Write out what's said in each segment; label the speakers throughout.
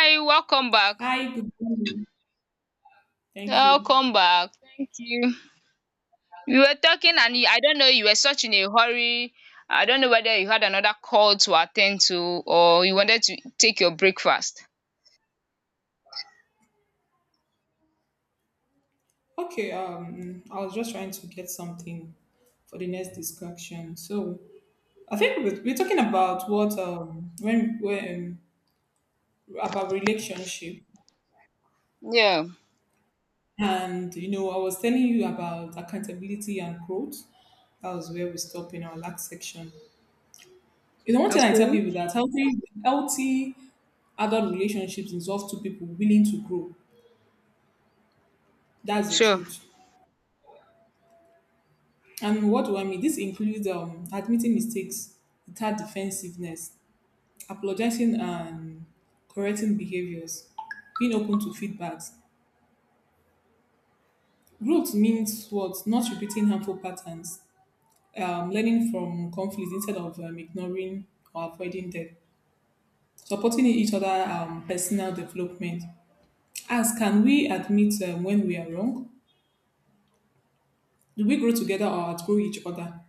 Speaker 1: Hi, welcome back.
Speaker 2: Hi, good morning. Thank you.
Speaker 1: Welcome back. Thank you. We were talking and you, I don't know you were such in a hurry. I don't know whether you had another call to attend to or you wanted to take your breakfast.
Speaker 2: Okay, I was just trying to get something for the next discussion. So I think we're talking about what when about relationship,
Speaker 1: Yeah.
Speaker 2: and I was telling you about accountability and growth. That was where we stopped in our last section. One thing I tell
Speaker 1: Okay.
Speaker 2: people that healthy adult relationships involve two people willing to grow. That's the
Speaker 1: Sure.
Speaker 2: truth. And what do I mean? This includes admitting mistakes without defensiveness, apologizing and correcting behaviors, being open to feedbacks. Growth means what? Not repeating harmful patterns, learning from conflict instead of ignoring or avoiding them, supporting each other, personal development. As can we admit when we are wrong? Do we grow together or outgrow each other?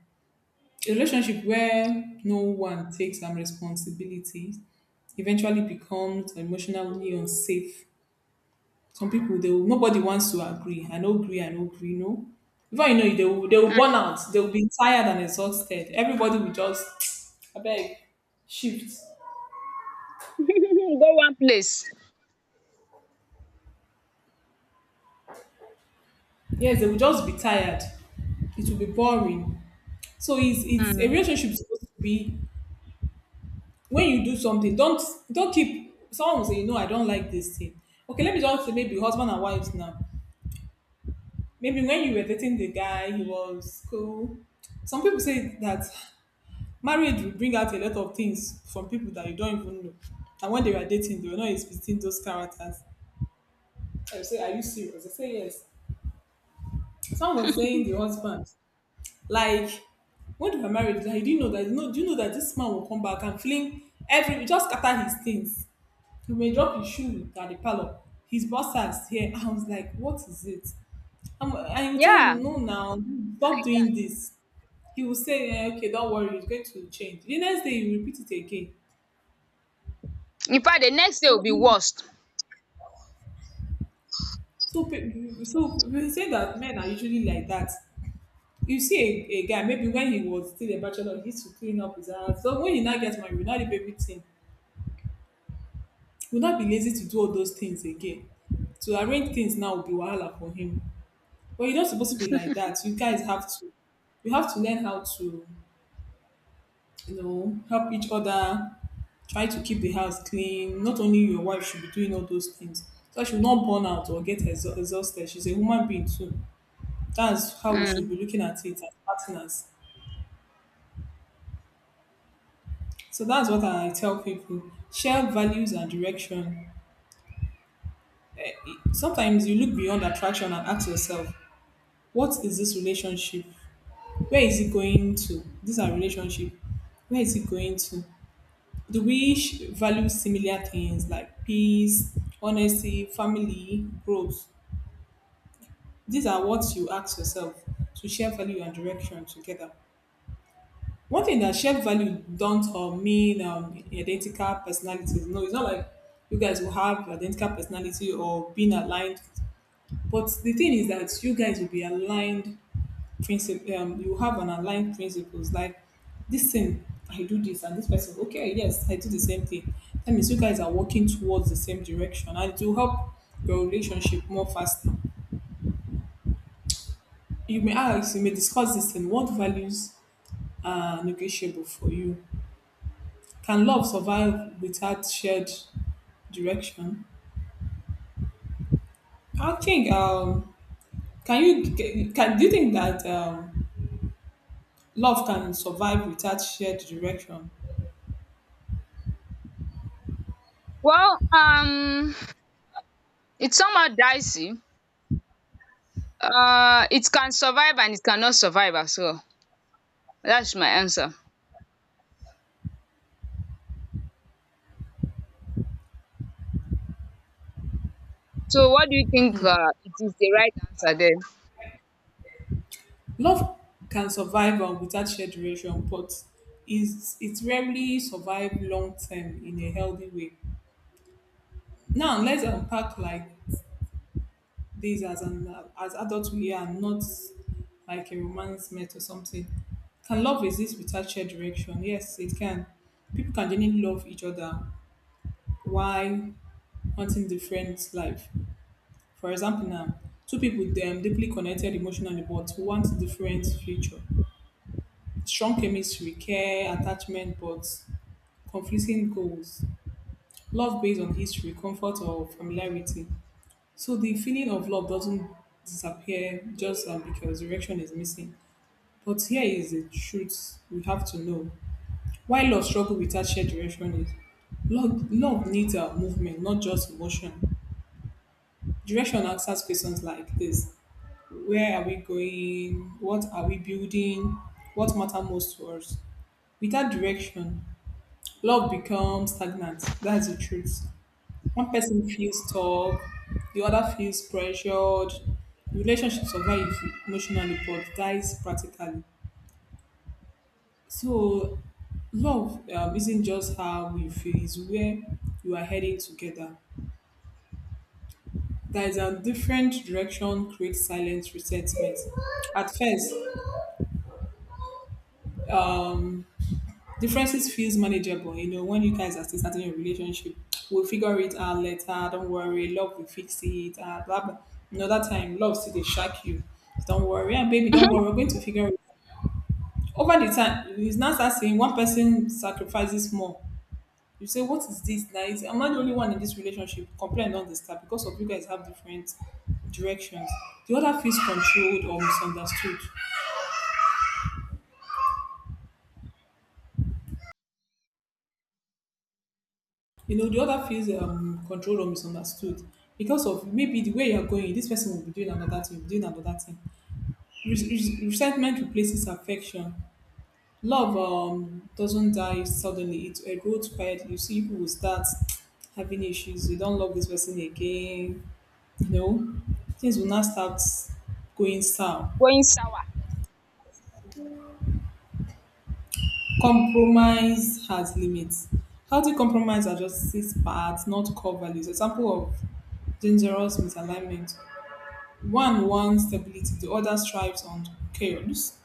Speaker 2: A relationship where no one takes some responsibility eventually becomes emotionally unsafe. Some people they will, nobody wants to agree. I no agree, I no agree, no. Before you know it, they will
Speaker 1: Mm.
Speaker 2: burn out. They will be tired and exhausted. Everybody will just I beg shift.
Speaker 1: Go one place.
Speaker 2: Yes, they will just be tired. It will be boring. So it's a
Speaker 1: Mm.
Speaker 2: relationship is supposed to be when you do something, don't keep someone will say, I don't like this thing. Okay, let me just say maybe husband and wife now. Maybe when you were dating the guy, he was cool. Some people say that marriage will bring out a lot of things from people that you don't even know. And when they were dating, they were not expecting those characters. I say, are you serious? I say, yes. Someone was saying the husband, like, when they were married, like, do you know that? No, do you know that this man will come back and fling every, just scatter his things? He may drop his shoe at the parlor. His boss has here. I was like, what is it? And you tell
Speaker 1: Yeah.
Speaker 2: him, no, now, stop
Speaker 1: Like
Speaker 2: doing
Speaker 1: that.
Speaker 2: this. He will say, eh, okay, don't worry, it's going to change. The next day, he will repeat it again.
Speaker 1: In fact, the next day will
Speaker 2: So,
Speaker 1: be worst.
Speaker 2: so we say that men are usually like that. You see a guy, maybe when he was still a bachelor, he used to clean up his house. So when he now gets married, he will not leave everything. He will not be lazy to do all those things again. To arrange things now will be wahala for him. But you're not supposed to be like that. You guys have to, you have to learn how to, help each other try to keep the house clean. Not only your wife should be doing all those things, so she will not burn out or get exhausted. She's a human being too. That's how we should
Speaker 1: Mm.
Speaker 2: be looking at it as partners. So that's what I tell people: share values and direction. Eh, Sometimes you look beyond attraction and ask yourself, what is this relationship? Where is it going to? These are relationship. Where is it going to? Do we value similar things like peace, honesty, family, growth? These are what you ask yourself to share value and direction together. One thing that shared value don't mean identical personalities. No, it's not like you guys will have identical personality or being aligned. But the thing is that you guys will be aligned principle. You have an aligned principles. Like this thing, I do this, and this person, okay, yes, I do the same thing. That means you guys are working towards the same direction, and it will help your relationship more faster. You may ask, you may discuss this thing. What values are negotiable for you. Can love survive without shared direction? I think can you can do you think that love can survive without shared direction?
Speaker 1: Well, it's somehow dicey. It can survive and it cannot survive as well. That's my answer. So what do you think it is the right answer then?
Speaker 2: Love can survive without shared direction, but is it rarely survive long term in a healthy way. Now let's unpack like days as an as adults we are not like a romance met or something. Can love exist without shared direction? Yes, it can. People can genuinely love each other while wanting different life. For example, now two people them deeply connected emotionally but want different future. Strong chemistry, care, attachment, but conflicting goals. Love based on history, comfort, or familiarity. So the feeling of love doesn't disappear just because direction is missing. But here is the truth we have to know. Why love struggle without shared direction is love needs a movement, not just emotion. Direction answers questions like this. Where are we going? What are we building? What matter most to us? Without direction, love becomes stagnant. That's the truth. One person feels stuck, the other feels pressured. Relationship survive emotionally but dies practically. So, love isn't just how we feel, it's where you are heading together. That is a different direction creates silent resentment. At first, differences feels manageable. When you guys are still starting your relationship, we'll figure it out later. Don't worry, love will fix it. Blah blah. Another time, love still they shock you. Don't worry, and baby, don't worry. We're going to figure it out. Over the time, it's not that saying one person sacrifices more. You say, what is this? Like, I'm not the only one in this relationship. Complain don't start because of you guys have different directions. The other feels controlled or misunderstood. The other feels controlled or misunderstood because of maybe the way you're going, this person will be doing another thing, doing another thing. Resentment replaces affection. Love doesn't die suddenly, it erodes quietly. You see, people will start having issues. You don't love this person again. You know, Things will not start going south.
Speaker 1: Going sour.
Speaker 2: Compromise has limits. Healthy compromise adjusts parts, not core values. Example of dangerous misalignment. One wants stability, the other strives on chaos.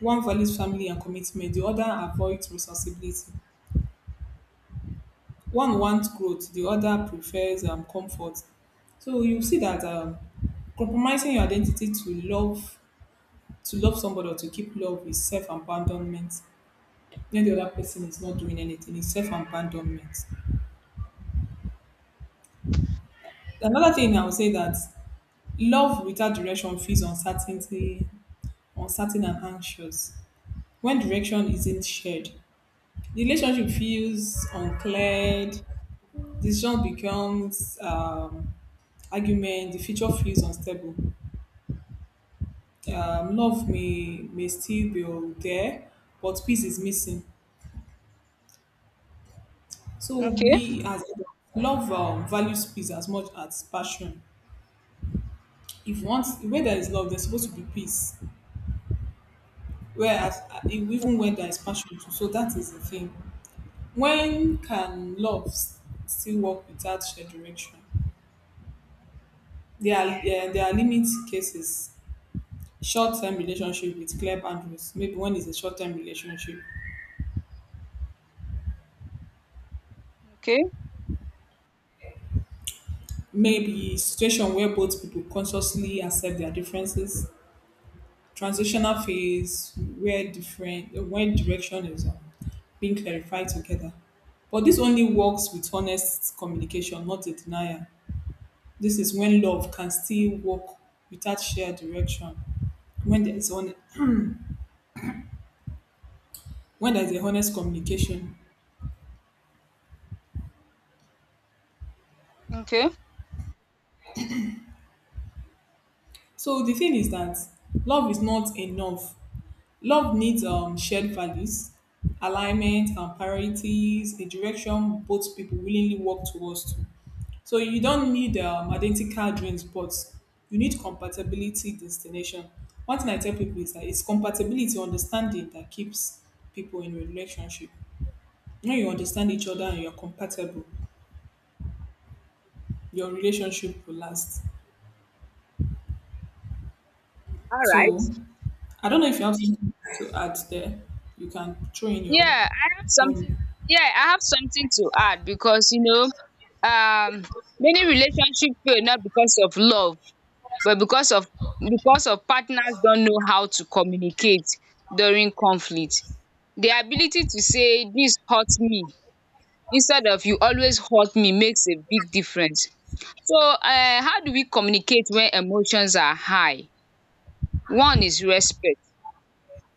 Speaker 2: One values family and commitment, the other avoids responsibility. One wants growth, the other prefers comfort. So you see that compromising your identity to love somebody or to keep love is self abandonment. Then the other person is not doing anything. It's self abandonment. Another thing I would say that love without direction feels uncertainty, uncertain and anxious. When direction isn't shared, the relationship feels uncleared. Decision becomes argument. The future feels unstable. Love may still be there, but peace is missing. So
Speaker 1: Okay,
Speaker 2: we as adults, love values peace as much as passion. If once where there is love, there's supposed to be peace. Whereas even when there is passion too, so that is the thing. When can love still work without shared direction? There are limit cases. Short-term relationship with clear boundaries. Maybe when it's a short-term relationship,
Speaker 1: okay,
Speaker 2: maybe situation where both people consciously accept their differences, transitional phase where different when direction is being clarified together. But this only works with honest communication, not a denial. This is when love can still work without shared direction. When there's on when there's a honest communication.
Speaker 1: okay.
Speaker 2: So the thing is that love is not enough. Love needs shared values, alignment, and priorities, a direction both people willingly work towards. To. So you don't need identical dreams, but you need compatibility, destination. One thing I tell people is that it's compatibility, understanding that keeps people in relationship. When you understand each other and you're compatible, your relationship will last.
Speaker 1: All
Speaker 2: So
Speaker 1: right.
Speaker 2: I don't know if you have something to add there. You can throw in your
Speaker 1: Yeah, I have something.
Speaker 2: own.
Speaker 1: Yeah, I have something to add because um, many relationships fail not because of love, but because of partners don't know how to communicate during conflict. The ability to say this hurt me instead of you always hurt me makes a big difference. So how do we communicate when emotions are high? One is respect.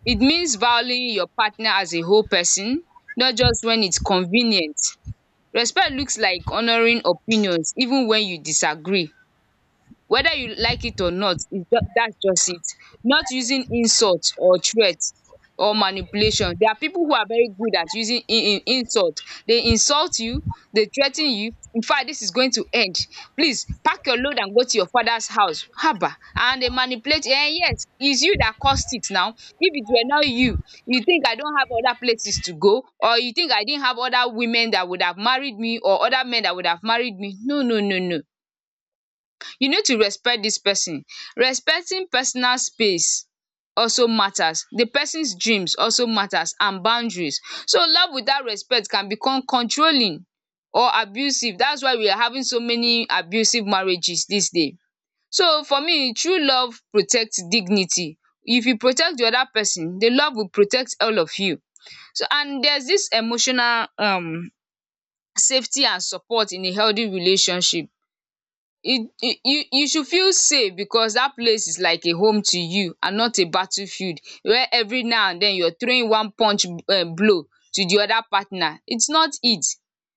Speaker 1: It means valuing your partner as a whole person, not just when it's convenient. Respect looks like honouring opinions even when you disagree whether you like it or not, that's just it. Not using insult or threat or manipulation. There are people who are very good at using in insult. They insult you, they threaten you. In fact, this is going to end, please pack your load and go to your father's house. Haba! And they manipulate you. Yes, it's you that caused it now. If it were not you, you think I don't have other places to go or you think I didn't have other women that would have married me or other men that would have married me? No, no, no, no, you need to respect this person, respecting personal space also matters, the person's dreams also matters, and boundaries. So love without respect can become controlling or abusive. That's why we are having so many abusive marriages these days. So for me, true love protects dignity. If you protect the other person the love will protect all of you. So, and there's this emotional safety and support in a healthy relationship. You should feel safe because that place is like a home to you and not a battlefield where every now and then you're throwing one punch blow to the other partner. It's not it.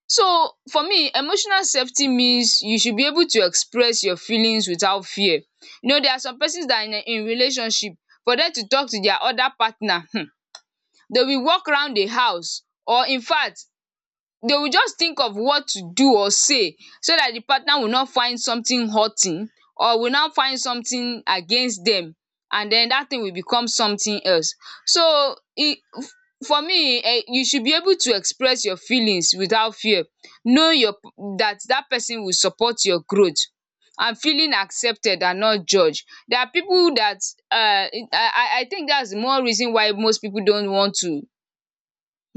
Speaker 1: So for me, emotional safety means you should be able to express your feelings without fear. You know, there are some persons that are in relationship, for them to talk to their other partner, they will walk around the house, or in fact they will just think of what to do or say so that the partner will not find something hurting or will not find something against them, and then that thing will become something else. So e, for me, you should be able to express your feelings without fear, know your, that person will support your growth and feeling accepted and not judged. There are people that, um, I think that's more reason why most people don't want to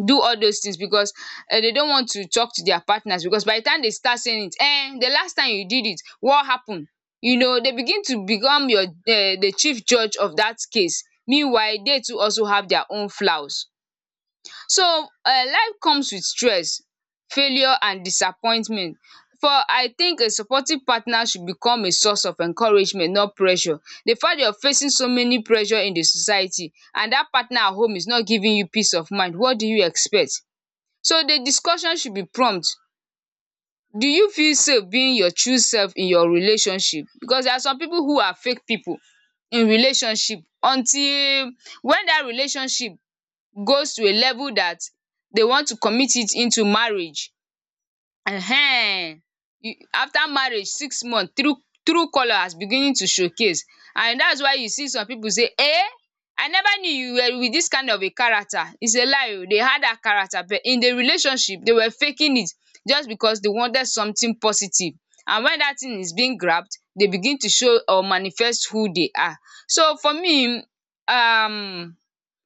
Speaker 1: do all those things, because they don't want to talk to their partners, because by the time they start saying it, the last time you did it, what happened? You know, they begin to become your the chief judge of that case, meanwhile they too also have their own flaws. So life comes with stress, failure and disappointment. For I think a supportive partner should become a source of encouragement, not pressure. The fact you're facing so many pressure in the society and that partner at home is not giving you peace of mind, what do you expect? So the discussion should be prompt. Do you feel safe being your true self in your relationship? Because there are some people who are fake people in relationship, until when that relationship goes to a level that they want to commit it into marriage. um After marriage 6 months, true true colour has beginning to showcase, and that's why you see some people say, eh, I never knew you were with this kind of a character. It's a lie oo, they had that character, but in the relationship they were faking it just because they wanted something positive, and when that thing is being grabbed they begin to show or manifest who they are. So for me, um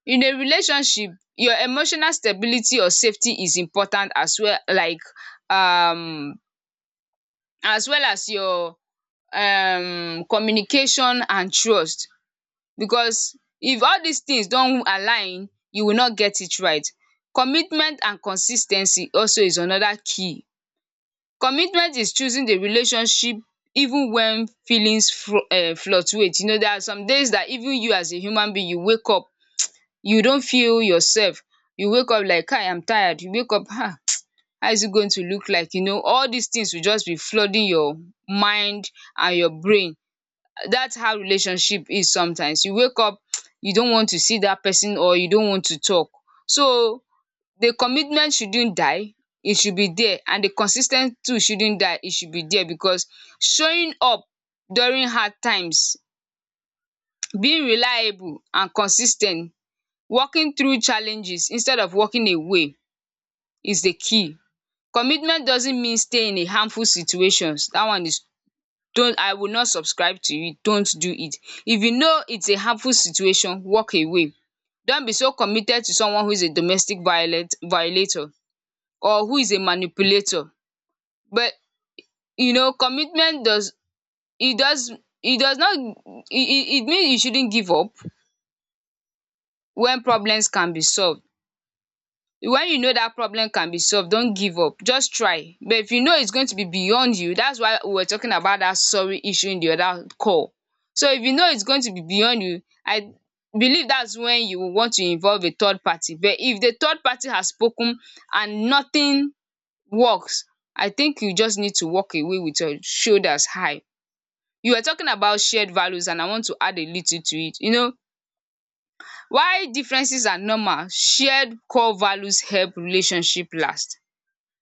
Speaker 1: in a relationship, your emotional stability or safety is important as well, like um as well as your communication and trust, because if all these things don't align you will not get it right. Commitment and consis ten cy also is another key. Commitment is choosing the relationship even when feelings fru fluctuate. You know, there are some days that even you as a human being you wake up, you don't feel yourself, you wake up like kai, I'm tired. You wake up, how is it going to look like? You know, all these things will just be flooding your mind and your brain. That's how relationship is. Sometimes you wake up, you don't want to see that person or you don't want to talk. So the commitment shouldn't die, it should be there, and the consistent too shouldn't die, it should be there, because showing up during hard times, being reliable and consis ten t, walking through challenges instead of walking away, is the key. Commitment doesn't mean stay in a harmful situations. That one is, don't I will not subscribe to it, don't do it. If you know it's a harmful situation, walk away. Don't be so committed to someone who is a domestic violent violator or who is a manipulator. But you know commitment does it does it does not it it it means you shouldn't give up when problems can be solved. When you know that problem can be solved, don't give up, just try. But if you know it's going to be beyond you, that's why we were talking about that sorry issue in the other call. So if you know it's going to be beyond you, I believe that's when you will want to involve a third party. But if the third party has spoken and nothing works, I think you just need to walk away with your shoulders high. You were talking about shared values and I want to add a little to it. You know why differences are normal, shared core values help relationship last.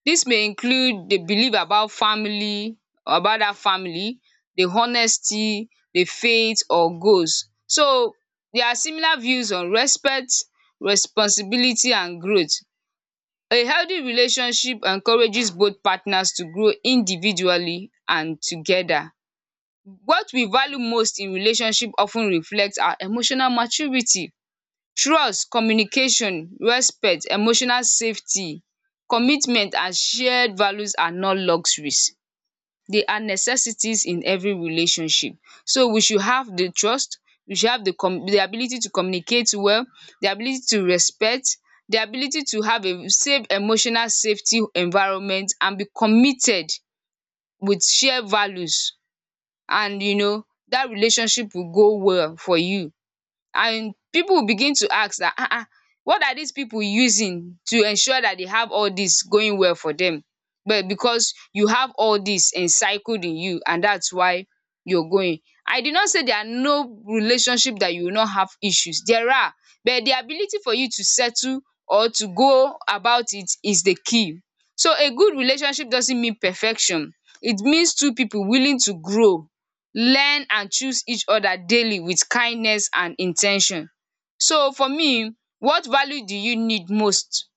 Speaker 1: Dis may include the belief about family, about dat family, the honesty, the faith or goals. So there are similar views on respect, responsibility and growth. A healthy relationship encourages both partners to grow individually and together. What we value most in relationship of ten reflect our emotional maturity: trust, communication, respect, emotional safety, commitment and shared values are not luxuries, they are necessities in every relationship. So we should have the trust, we should have the com the ability to communicate well, the ability to respect, the ability to have a safe emotional safety environment, and be committed with shared values, and you know that relationship will go well for you, and people will begin to ask that, ah ah, what are these people using to ensure that they have all this going well for them? But because you have all this encircled in you, and that's why you're going. I did not say there are no relationship that you will not have issues, there are, but the ability for you to settle or to go about it is the key. So a good relationship doesn't mean perfection, it means two people willing to grow, learn and choose each other daily with kindness and intention. So for me, what value do you need most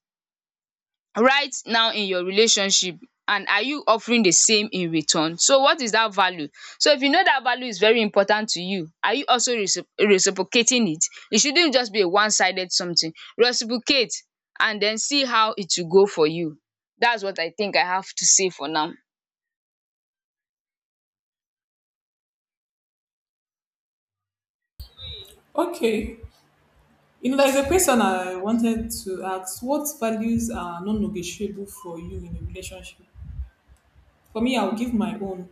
Speaker 1: right now in your relationship, and are you offering the same in return? So what is that value? So if you know that value is very important to you, are you also reciprocating it? It shouldn't just be a one sided something. Reciprocate and then see how it will go for you. That's what I think I have to say for now.
Speaker 2: Okay, there's a question I wanted to ask. What values are non-negotiable for you in a relationship? For me, I'll give my own.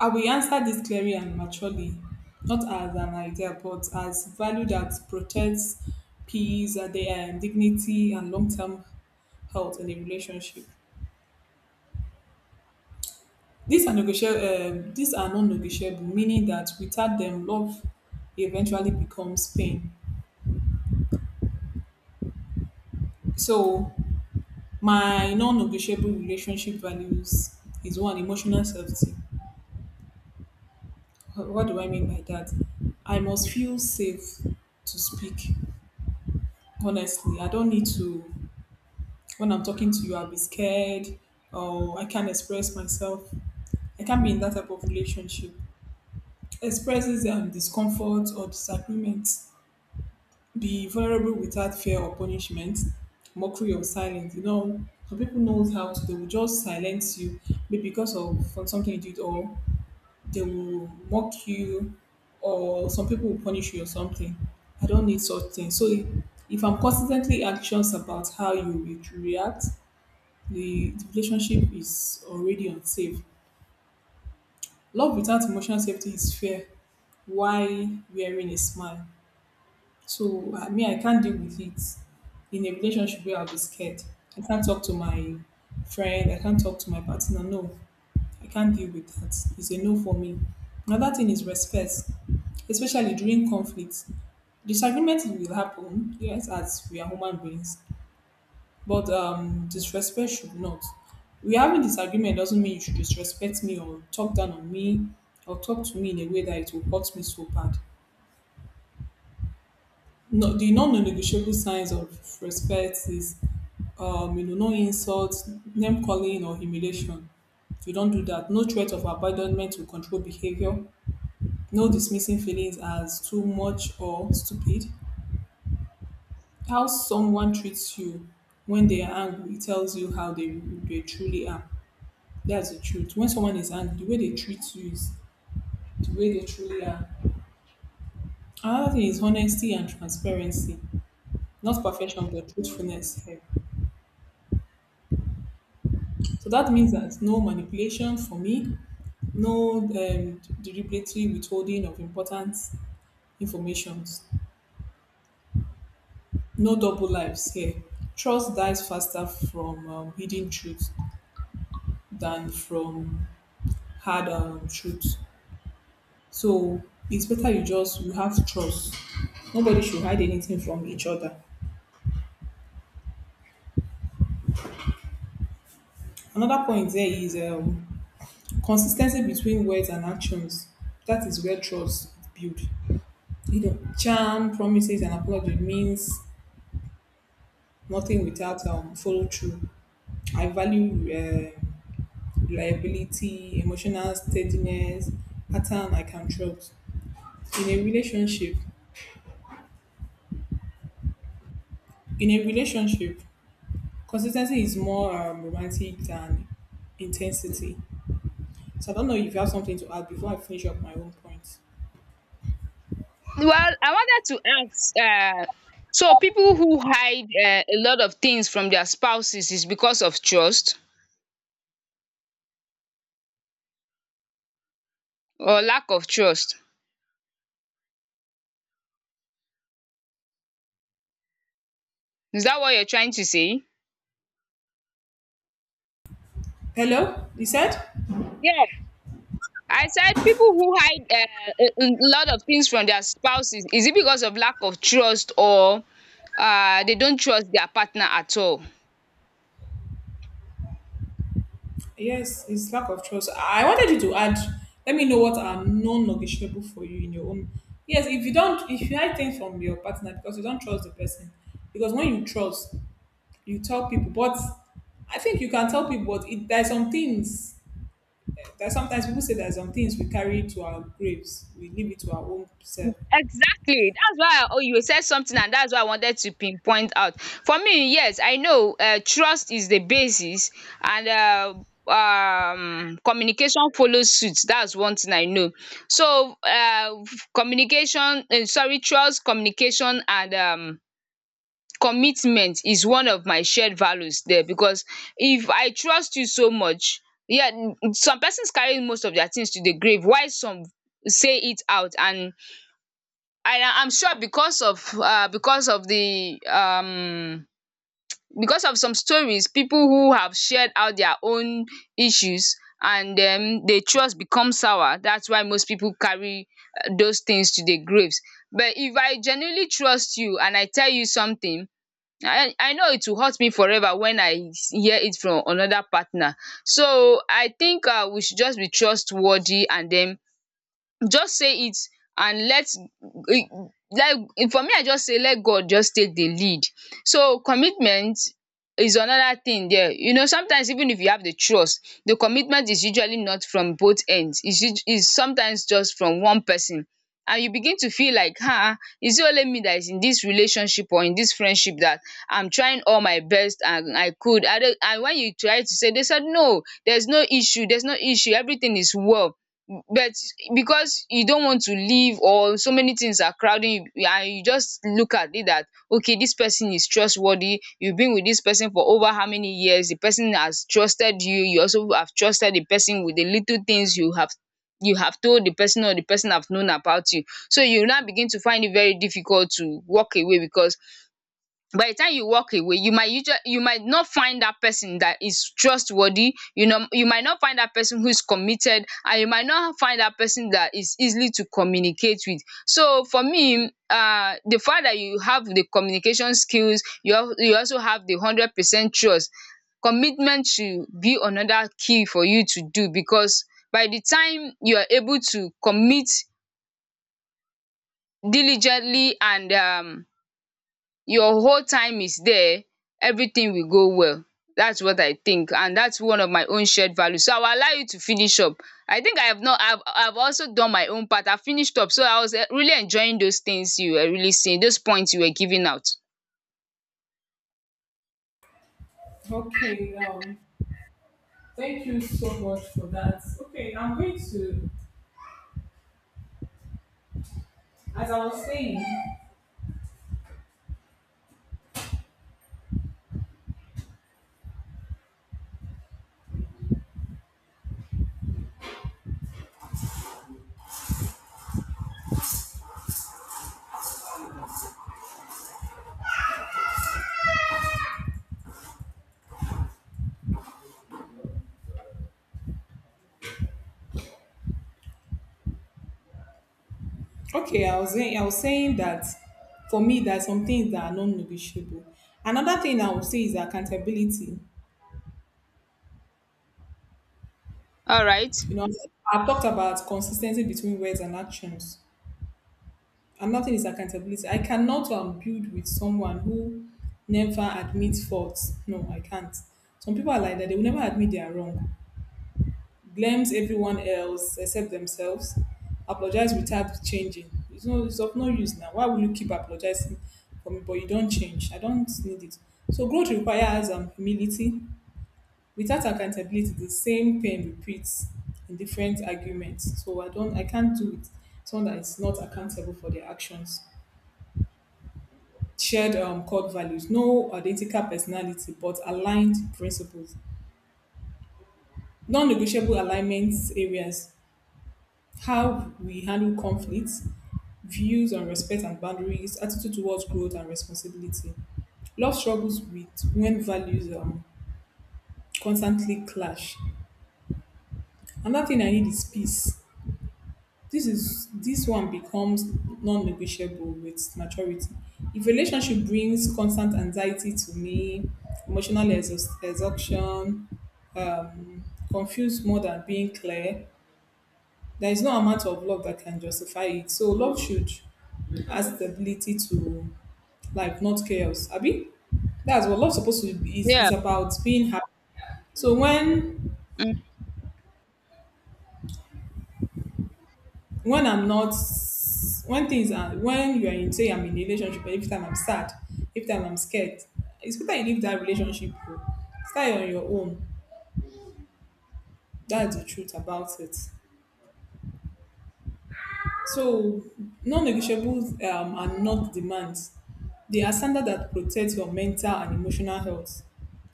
Speaker 2: I will answer this clearly and maturely, not as an idea, but as value that protects peace, and and dignity, and long-term health in a relationship. These are negotiable. These are non-negotiable, meaning that without them, love eventually becomes pain. So my non-negotiable relationship values is one emotional safety. What do I mean by that? I must feel safe to speak honestly. I don't need to when I'm talking to you, I'll be scared or I can't express myself. I can't be in that type of relationship. Expresses discomfort or disagreement. Be vulnerable without fear or punishment. Mockery or silence. Some people knows how to. They will just silence you, maybe because of for something you did or they will mock you or some people will punish you or something. I don't need such things. So if I'm constantly anxious about how you will react, the relationship is already unsafe. Love without emotional safety is fair. Why wearing a smile? So I mean, I can't deal with it in a relationship where I'll be scared. I can't talk to my friend. I can't talk to my partner. No, I can't deal with that. It's a no for me. Another thing is respect, especially during conflict. Disagreement will happen, yes, as we are human beings, but disrespect should not. We having disagreement doesn't mean you should disrespect me or talk down on me or talk to me in a way that it will hurt me so bad. No, the non-negotiable signs of respect is, no insults, name calling or humiliation. If you don't do that, no threat of abandonment will control behavior. No dismissing feelings as too much or stupid. How someone treats you when they are angry tells you how they truly are. That's the truth. When someone is angry, the way they treat you is the way they truly are. Another thing is honesty and transparency. Not perfection, but truthfulness. Here. So that means that no manipulation for me, no deliberately withholding of important information, no double lives here. Trust dies faster from hidden truth than from hard truth. So it's better you have trust. Nobody should hide anything from each other. Another point there is consistency between words and actions. That is where trust is built. You know, charm, promises, and apology means nothing without follow through. I value reliability, emotional steadiness, pattern I can trust in a relationship. In a relationship, consistency is more romantic than intensity. So I don't know if you have something to add before I finish up my own point.
Speaker 1: Well, I wanted to ask, so people who hide a lot of things from their spouses is because of trust or lack of trust. Is that what you're trying to say?
Speaker 2: Hello, you said?
Speaker 1: Yeah, I said people who hide a lot of things from their spouses, is it because of lack of trust or they don't trust their partner at all?
Speaker 2: Yes, it's lack of trust. I wanted you to add, let me know what are non-negotiable for you in your own. Yes, if you don't, if you hide things from your partner because you don't trust the person, because when you trust, you tell people. But I think you can tell people, but it, there's some things that sometimes people say there's some things we carry to our graves, we leave it to our own self.
Speaker 1: Exactly. That's why I, oh, you said something, and that's why I wanted to pinpoint out. For me, yes, I know trust is the basis, and communication follows suit. That's one thing I know. So, uh, Communication, trust, communication, and commitment is one of my shared values there because if I trust you so much, yeah, some persons carry most of their things to the grave, while some say it out. And I'm sure because of some stories people who have shared out their own issues, and then the trust becomes sour. That's why most people carry those things to their graves. But if I genuinely trust you and I tell you something, I know it will hurt me forever when hear it from another partner. So I think we should just be trustworthy and then just say it and let e, like. For me, I just say let God just take the lead. So commitment is another thing there. You know, sometimes even if you have the trust, the commitment is usually not from both ends. Is sometimes just from one person, and you begin to feel like, um, is it only me that is in this relationship or in this friendship, that I'm trying all my best and I could I don't, and when you try to say, they said no, there's no issue, everything is well. But because you don't want to leave, or so many things are crowding you, and you just look at it that okay, this person is trustworthy, you've been with this person for over how many years, the person has trusted you, you also have trusted the person with the little things you have, you have told the person, or the person have known about you. So you now begin to find it very difficult to walk away, because by the time you walk away, you might usually, you might not find that person that is trustworthy, you know, you might not find that person who is committed, and you might not find that person that is easily to communicate with. So for me, the fact that you have the communication skills, you you also have the 100% trust, commitment should be another key for you to do. Because by the time you are able to commit diligently and your whole time is there, everything will go well. That's what I think, and that's one of my own shared values. So I will allow you to finish up. I think I have not I have I have also done my own part. I finished up, so I was really enjoying those things you were really saying, those points you were giving out.
Speaker 2: Okay, thank you so much for that. Okay, I'm going to, as I was saying, okay, I was saying that for me, there are some things that are non-negotiable. Another thing I would say is accountability.
Speaker 1: Alright.
Speaker 2: You know, I've talked about consistency between words and actions. Another thing is accountability. I cannot build with someone who never admits faults. No, I can't. Some people are like that; they will never admit they are wrong. Blames everyone else except themselves, apologize without changing. It's of no use now. Why will you keep apologizing for me but you don't change? I don't need it. So growth requires humility. Without accountability, the same pain repeats in different arguments. So I can't do it. Someone that is not accountable for their actions. Shared core values, no identical personality but aligned principles. Non-negotiable alignment areas, how we handle conflicts, views on respect and boundaries, attitude towards growth and responsibility. Love struggles with when values constantly clash. Another thing I need is peace. This one becomes non-negotiable with maturity. If relationship brings constant anxiety to me, emotional exhaustion, confused more than being clear, there is no amount of love that can justify it. So love should add stability to, like, not chaos Abby. That's what love's supposed to be, is
Speaker 1: Yeah.
Speaker 2: about being happy. So when
Speaker 1: Mm.
Speaker 2: when I'm not, when things are, when you're in, say I'm in a relationship and every time I'm sad, every time I'm scared, it's better you leave that relationship, oh. Start on your own. That's the truth about it. So non-negotiables are not demands, they are standards that protect your mental and emotional health.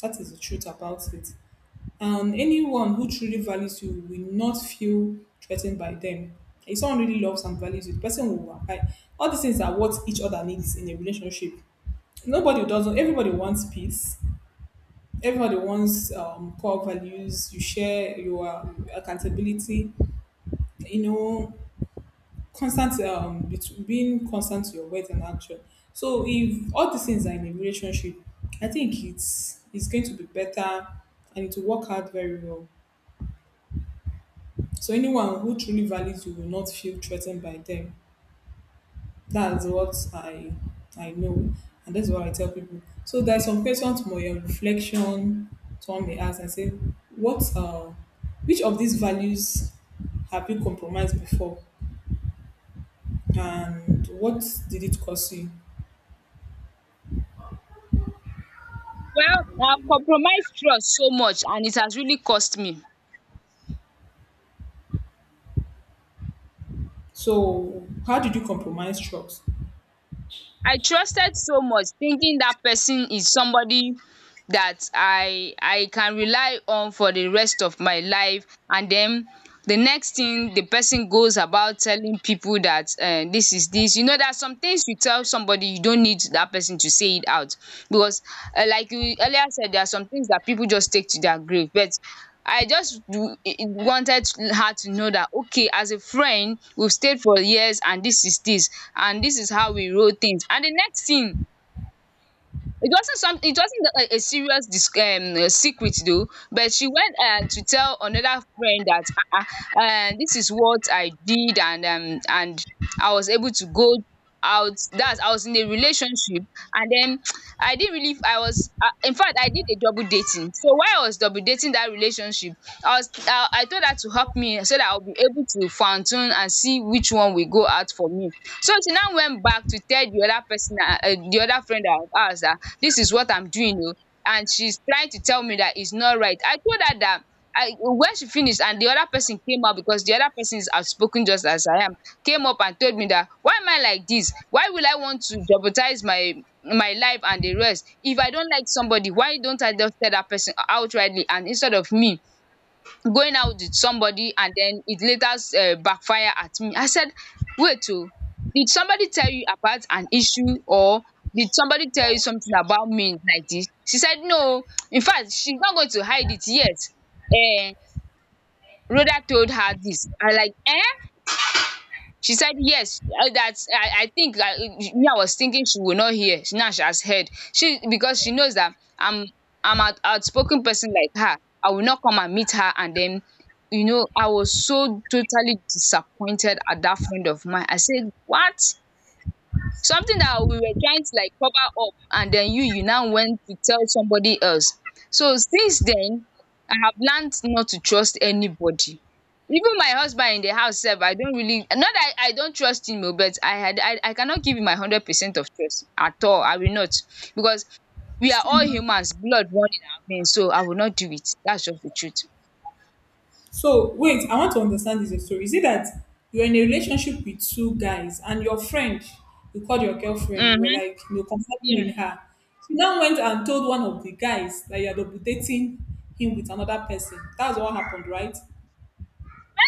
Speaker 2: That is the truth about it. And anyone who truly values you will not feel threatened by them. If someone really loves and values you, the person will abide. All these things are what each other needs in a relationship. Nobody doesn't. Everybody wants peace. Everybody wants core values. You share your accountability. You know, constant being constant to your words and action. So if all these things are in a relationship, I think it's going to be better and it will work out very well. So anyone who truly values you will not feel threatened by them. That's what I know, and that's what I tell people. So there's some questions more your reflection. Someone may ask and say, "What? Which of these values have you compromised before, and what did it cost you?"
Speaker 1: Well, I have compromised trust so much, and it has really cost me.
Speaker 2: So how did you compromise trust?
Speaker 1: I trusted so much, thinking that person is somebody that I can rely on for the rest of my life, and then the next thing, the person goes about telling people that, um, this is this. You know, there are some things you tell somebody, you don't need that person to say it out, because, um, like you earlier said, there are some things that people just take to their grave. But I just wanted her to know that, okay, as a friend, we've stayed for years, and this is this, and this is how we roll things. And the next thing, it wasn't a serious dis secret though, but she went, um, to tell another friend that, um this is what I did. And I was able to go out. That's, I was in a relationship, and then I didn't really I was in fact, I did a double dating. So while I was double dating that relationship, I was I told her to help me, so that I'll be able to fine tune and see which one will go out for me. So she now went back to tell the other person, um, the other friend of ours, that this is what I'm doing, oh, and she's trying to tell me that it's not right. I told her that, I when she finished and the other person came up, because the other person is outspoken just as I am, came up and told me that why am I like this? Why will I want to jeopardize my my life and the rest? If I don't like somebody, why don't I just tell that person outrightly, and instead of me going out with somebody and then it later, backfire at me. I said, wait, oh, did somebody tell you about an issue, or did somebody tell you something about me like this? She said, no. In fact, she's not going to hide it. Yes. Uh, Rhoda told her this. I like, eh? She said yes, that I think that, me, I was thinking she will not hear. She, now she has heard. She, because she knows that I'm an outspoken person like her. I will not come and meet her and then, you know, I was so totally disappointed at that friend of mine. I said, what? Something that we were trying to like cover up, and then you now went to tell somebody else. So since then, I have learned not to trust anybody. Even my husband in the house sef, I don't really, not that I don't trust him oo, but I had I cannot give him my 100% of trust at all. I will not, because we are all humans, blood run in our veins, so I will not do it. That's just the truth.
Speaker 2: So wait, I want to understand this story. Is it that you're in a relationship with two guys and your friend, you called your girlfriend, you were
Speaker 1: Hmm.
Speaker 2: like, you know,
Speaker 1: Yeah,
Speaker 2: confiding in her. She now went and told one of the guys that you're double dating him with another person. That's what happened, right?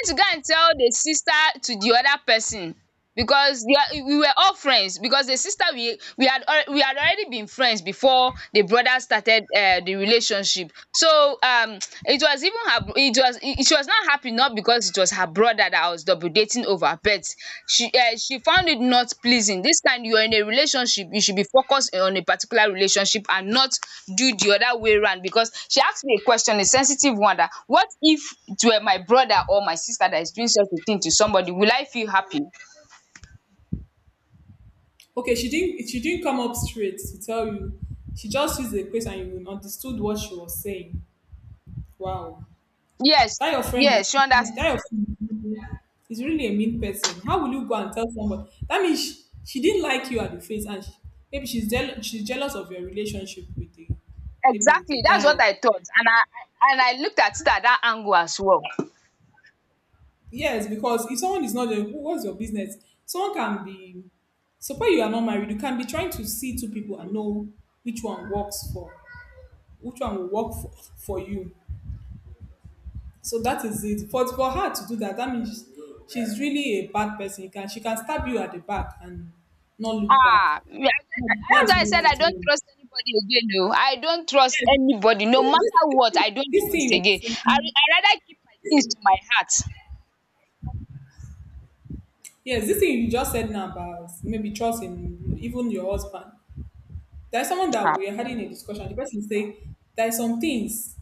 Speaker 1: trying to go and tell the sister to the other person, because they are, we were all friends, because the sister, we had already been friends before the brother started, um, the relationship. So, um, it was even her it was, it, she was not happy, not because it was her brother that I was double dating over, but she, um, she found it not pleasing. This time you are in a relationship, you should be focused on a particular relationship and not do the other way round. Because she asked me a question, a sensitive one, that what if it were my brother or my sister that is doing such a thing to somebody, will I feel happy?
Speaker 2: Okay, she didn't come up straight to tell you. She just used the question and you understood what she was saying. Wow.
Speaker 1: Yes,
Speaker 2: That your friend is,
Speaker 1: yes, she
Speaker 2: that
Speaker 1: understood.
Speaker 2: your friend is really a mean person. How will you go and tell somebody? That means she didn't like you at the face, and she, maybe she's she's jealous of your relationship with the, maybe with the
Speaker 1: Exactly, that's
Speaker 2: guy. Or,
Speaker 1: what I thought, and I and I looked at it at that angle as well.
Speaker 2: yes, because if someone is not there, who, what's your business? Someone can be. Suppose you are not married, you can be trying to see two people and know which one works for, which one will work for you. So that is it. But for her to do that, that means she's really a bad person. Can she can stab you at the back and not look back?
Speaker 1: Ah, yeah, that's
Speaker 2: That's
Speaker 1: why I
Speaker 2: what
Speaker 1: said I
Speaker 2: it
Speaker 1: don't
Speaker 2: means.
Speaker 1: trust anybody again oh. I don't trust
Speaker 2: Yes.
Speaker 1: anybody, no matter what,
Speaker 2: This,
Speaker 1: I don't
Speaker 2: this thing
Speaker 1: trust
Speaker 2: you are
Speaker 1: again.
Speaker 2: saying,
Speaker 1: I rather keep my things to my heart.
Speaker 2: yes, this thing you just said now about maybe trust in even your husband. There's someone that
Speaker 1: Ah,
Speaker 2: we are having a discussion. The person say there are some things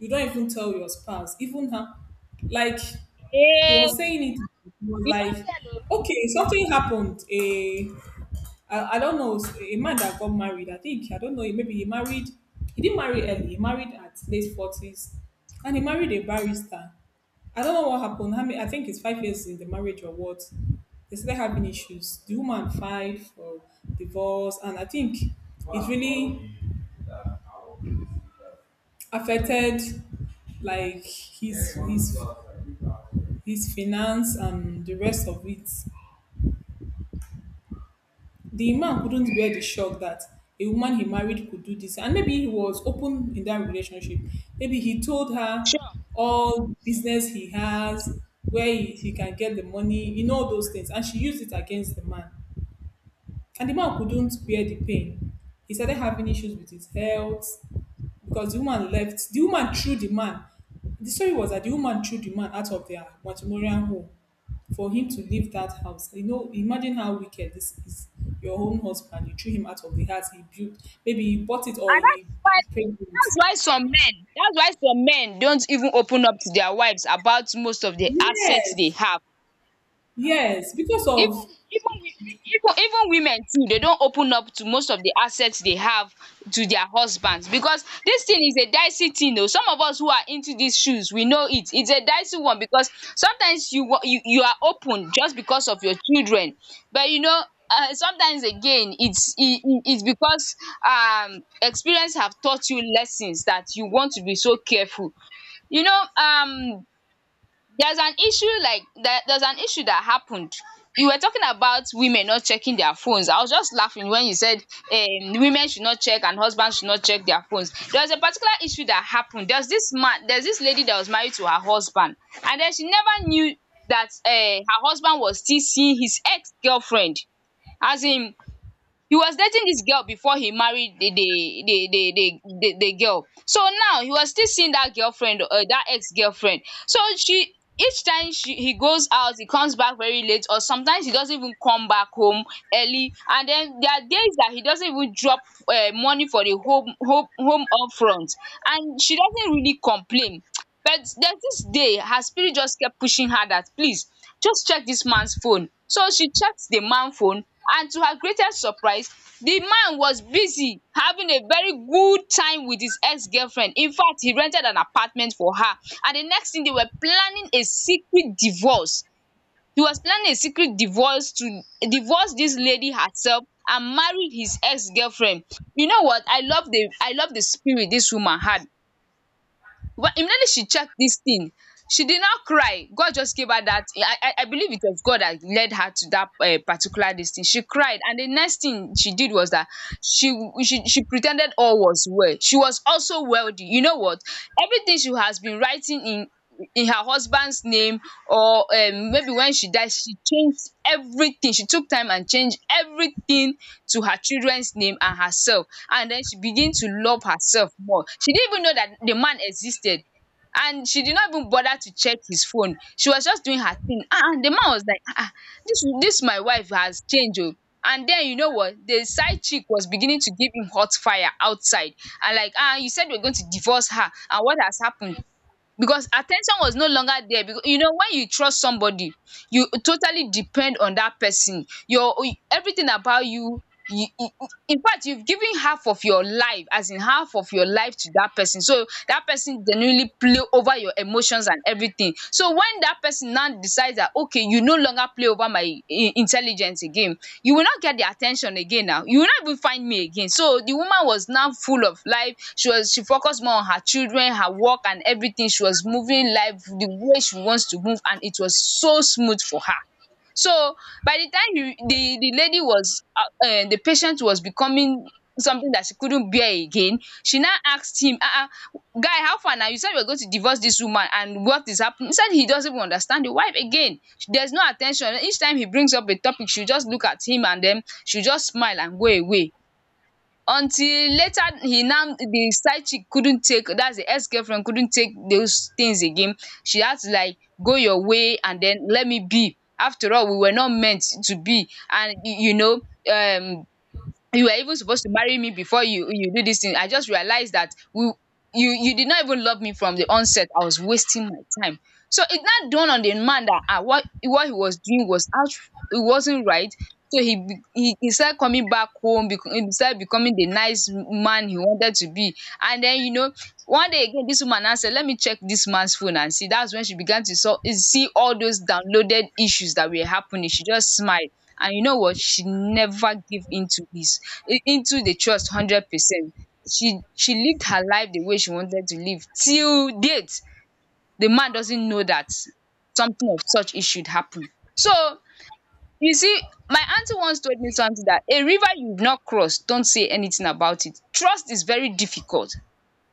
Speaker 2: you don't even tell your spouse, even her. Like he
Speaker 1: eh,
Speaker 2: was saying it, he was
Speaker 1: you
Speaker 2: like,
Speaker 1: don't tell oh.
Speaker 2: okay, something happened. A I don't know, so a man that got married. I think I don't know. Maybe he married. He didn't marry early. He married at late 40s, and he married a barrister. I don't know what happened. How many, I think it's 5 years in the marriage or what. They started having issues. The woman filed for divorce, and I think it really affected like his finance and the rest of it. The man couldn't bear the shock that a woman he married could do this. And maybe he was open in that relationship. Maybe he told her
Speaker 1: Sure.
Speaker 2: all business he has, where he can get the money, you know, all those things. And she used it against the man. And the man couldn't bear the pain. He started having issues with his health because the woman left. The woman threw the man. The story was that the woman threw the man out of their matrimonial home for him to leave that house. You know, imagine how wicked this is. Your own husband, you threw him out of the house he built. Maybe he bought it or
Speaker 1: And that
Speaker 2: he
Speaker 1: is why,
Speaker 2: paid it.
Speaker 1: that's why some men, that's why some men don't even open up to their wives about most of the assets
Speaker 2: Yes,
Speaker 1: they have.
Speaker 2: yes, because
Speaker 1: Even
Speaker 2: of,
Speaker 1: even wi- women too dey don open up to most of the access they have to their husbands, because this thing is a dicey thing o. Some of us who are into these shoes, we know it, it's a dicey one, because sometimes you wan you you are open just because of your children. But you know, um, sometimes again, it's e e it's because, um, experience have taught you lessons that you want to be so careful. You know, um, there's an issue that happened. You were talking about women not checking their phones. I was just laughing when you said, um, women should not check, and husbands should not check their phones. There was a particular issue that happened. There's this lady that was married to her husband, and then she never knew that, um, her husband was still seeing his ex-girlfriend. As in, he was dating this girl before he married the girl. So now he was still seeing that girlfriend, um, that ex-girlfriend. So she, each time she he goes out, he comes back very late, or sometimes he doesn't even come back home early. And then there are days that he doesn't even drop, um, money for the home upfront, and she doesn't really complain. But there's this day her spirit just kept pushing her that, please, just check this man's phone. So she checked the man phone, and to her greatest surprise, the man was busy having a very good time with his ex-girlfriend. In fact, he rented an apartment for her, and the next thing, they were planning a secret divorce. He was planning a secret divorce to divorce this lady herself and marry his ex-girlfriend. You know what, I love the spirit this woman had. But immediately she checked this thing, she did not cry. God just gave her that. I believe it was God that led her to that, particular this thing. She cried, and the next thing she did was that she she pretended all was well. She was also wealthy. You know what? Everything she has been writing in her husband's name, or maybe when she died she changed everything. She took time and changed everything to her children's name and herself, and then she began to love herself more. She didn't even know that the man existed, and she did not even bother to check his phone. She was just doing her thing. Ah ah, the man was like, ah ah, dis my wife has changed." Oo, and then you know what, the side chick was beginning to give him hot fire outside, and like, ah, you said you were going to divorce her, and what has happened? Because attention was no longer there, because you know, when you trust somebody, you totally depend on that person. Your everything about you in fact, you've given half of your life, as in half of your life, to that person, so that person genuinely play over your emotions and everything. So when that person now decides that, okay, you no longer play over my in intelligence again, you will not get the attention again, now you will not even find me again. So the woman was now full of life. She focused more on her children, her work and everything. She was moving life the way she wants to move, and it was so smooth for her. So by the time you the lady was the patient was becoming something that she couldn't bear again, she now asked him, guy, how far now, you said we were going to divorce this woman, and what is happening? He said he doesn't even understand the wife again. There's no attention. Each time he brings up a topic, she just look at him and then she just smile and go away. Until later, he now the side chick couldn't take, that's the ex girlfriend, couldn't take those things again. She had to, like, go your way and then let me be. After all, we were not meant to be, and um you were even supposed to marry me before you do this thing. I just realized that we you you did not even love me from the onset. I was wasting my time. So it now dawned on the man that, ah, what he was doing was out, it wasn't right. So he be- he started coming back home, he started becoming the nice man he wanted to be. And then, one day again this woman now said, let me check this man's phone and see. That's when she began to see all those downloaded issues that were happening. She just smiled. And you know what, she never gave in to this into the trust 100%. She lived her life the way she wanted to live till date. The man doesn't know that something of such issue happen. So you see, my auntie once told me something, that a river you've not crossed, don't say anything about it. Trust is very difficult.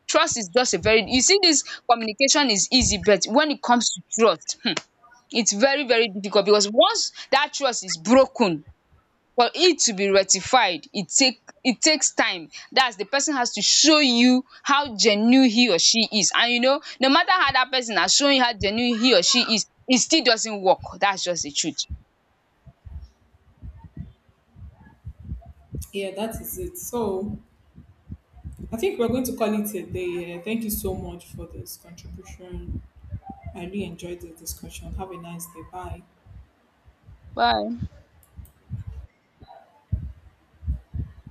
Speaker 1: Trust is just a very You see, this communication is easy, but when it comes to trust, it's very very difficult. Because once that trust is broken, for it to be rectified, it takes time. That's, the person has to show you how genuine he or she is, and no matter how that person has shown you how genuine he or she is, it still doesn't work. That's just the truth.
Speaker 2: yeah, that is it. So I think we're going to call it a day. Yeah. Thank you so much for this contribution. I really enjoyed this discussion. Have a nice day. Bye.
Speaker 1: Bye.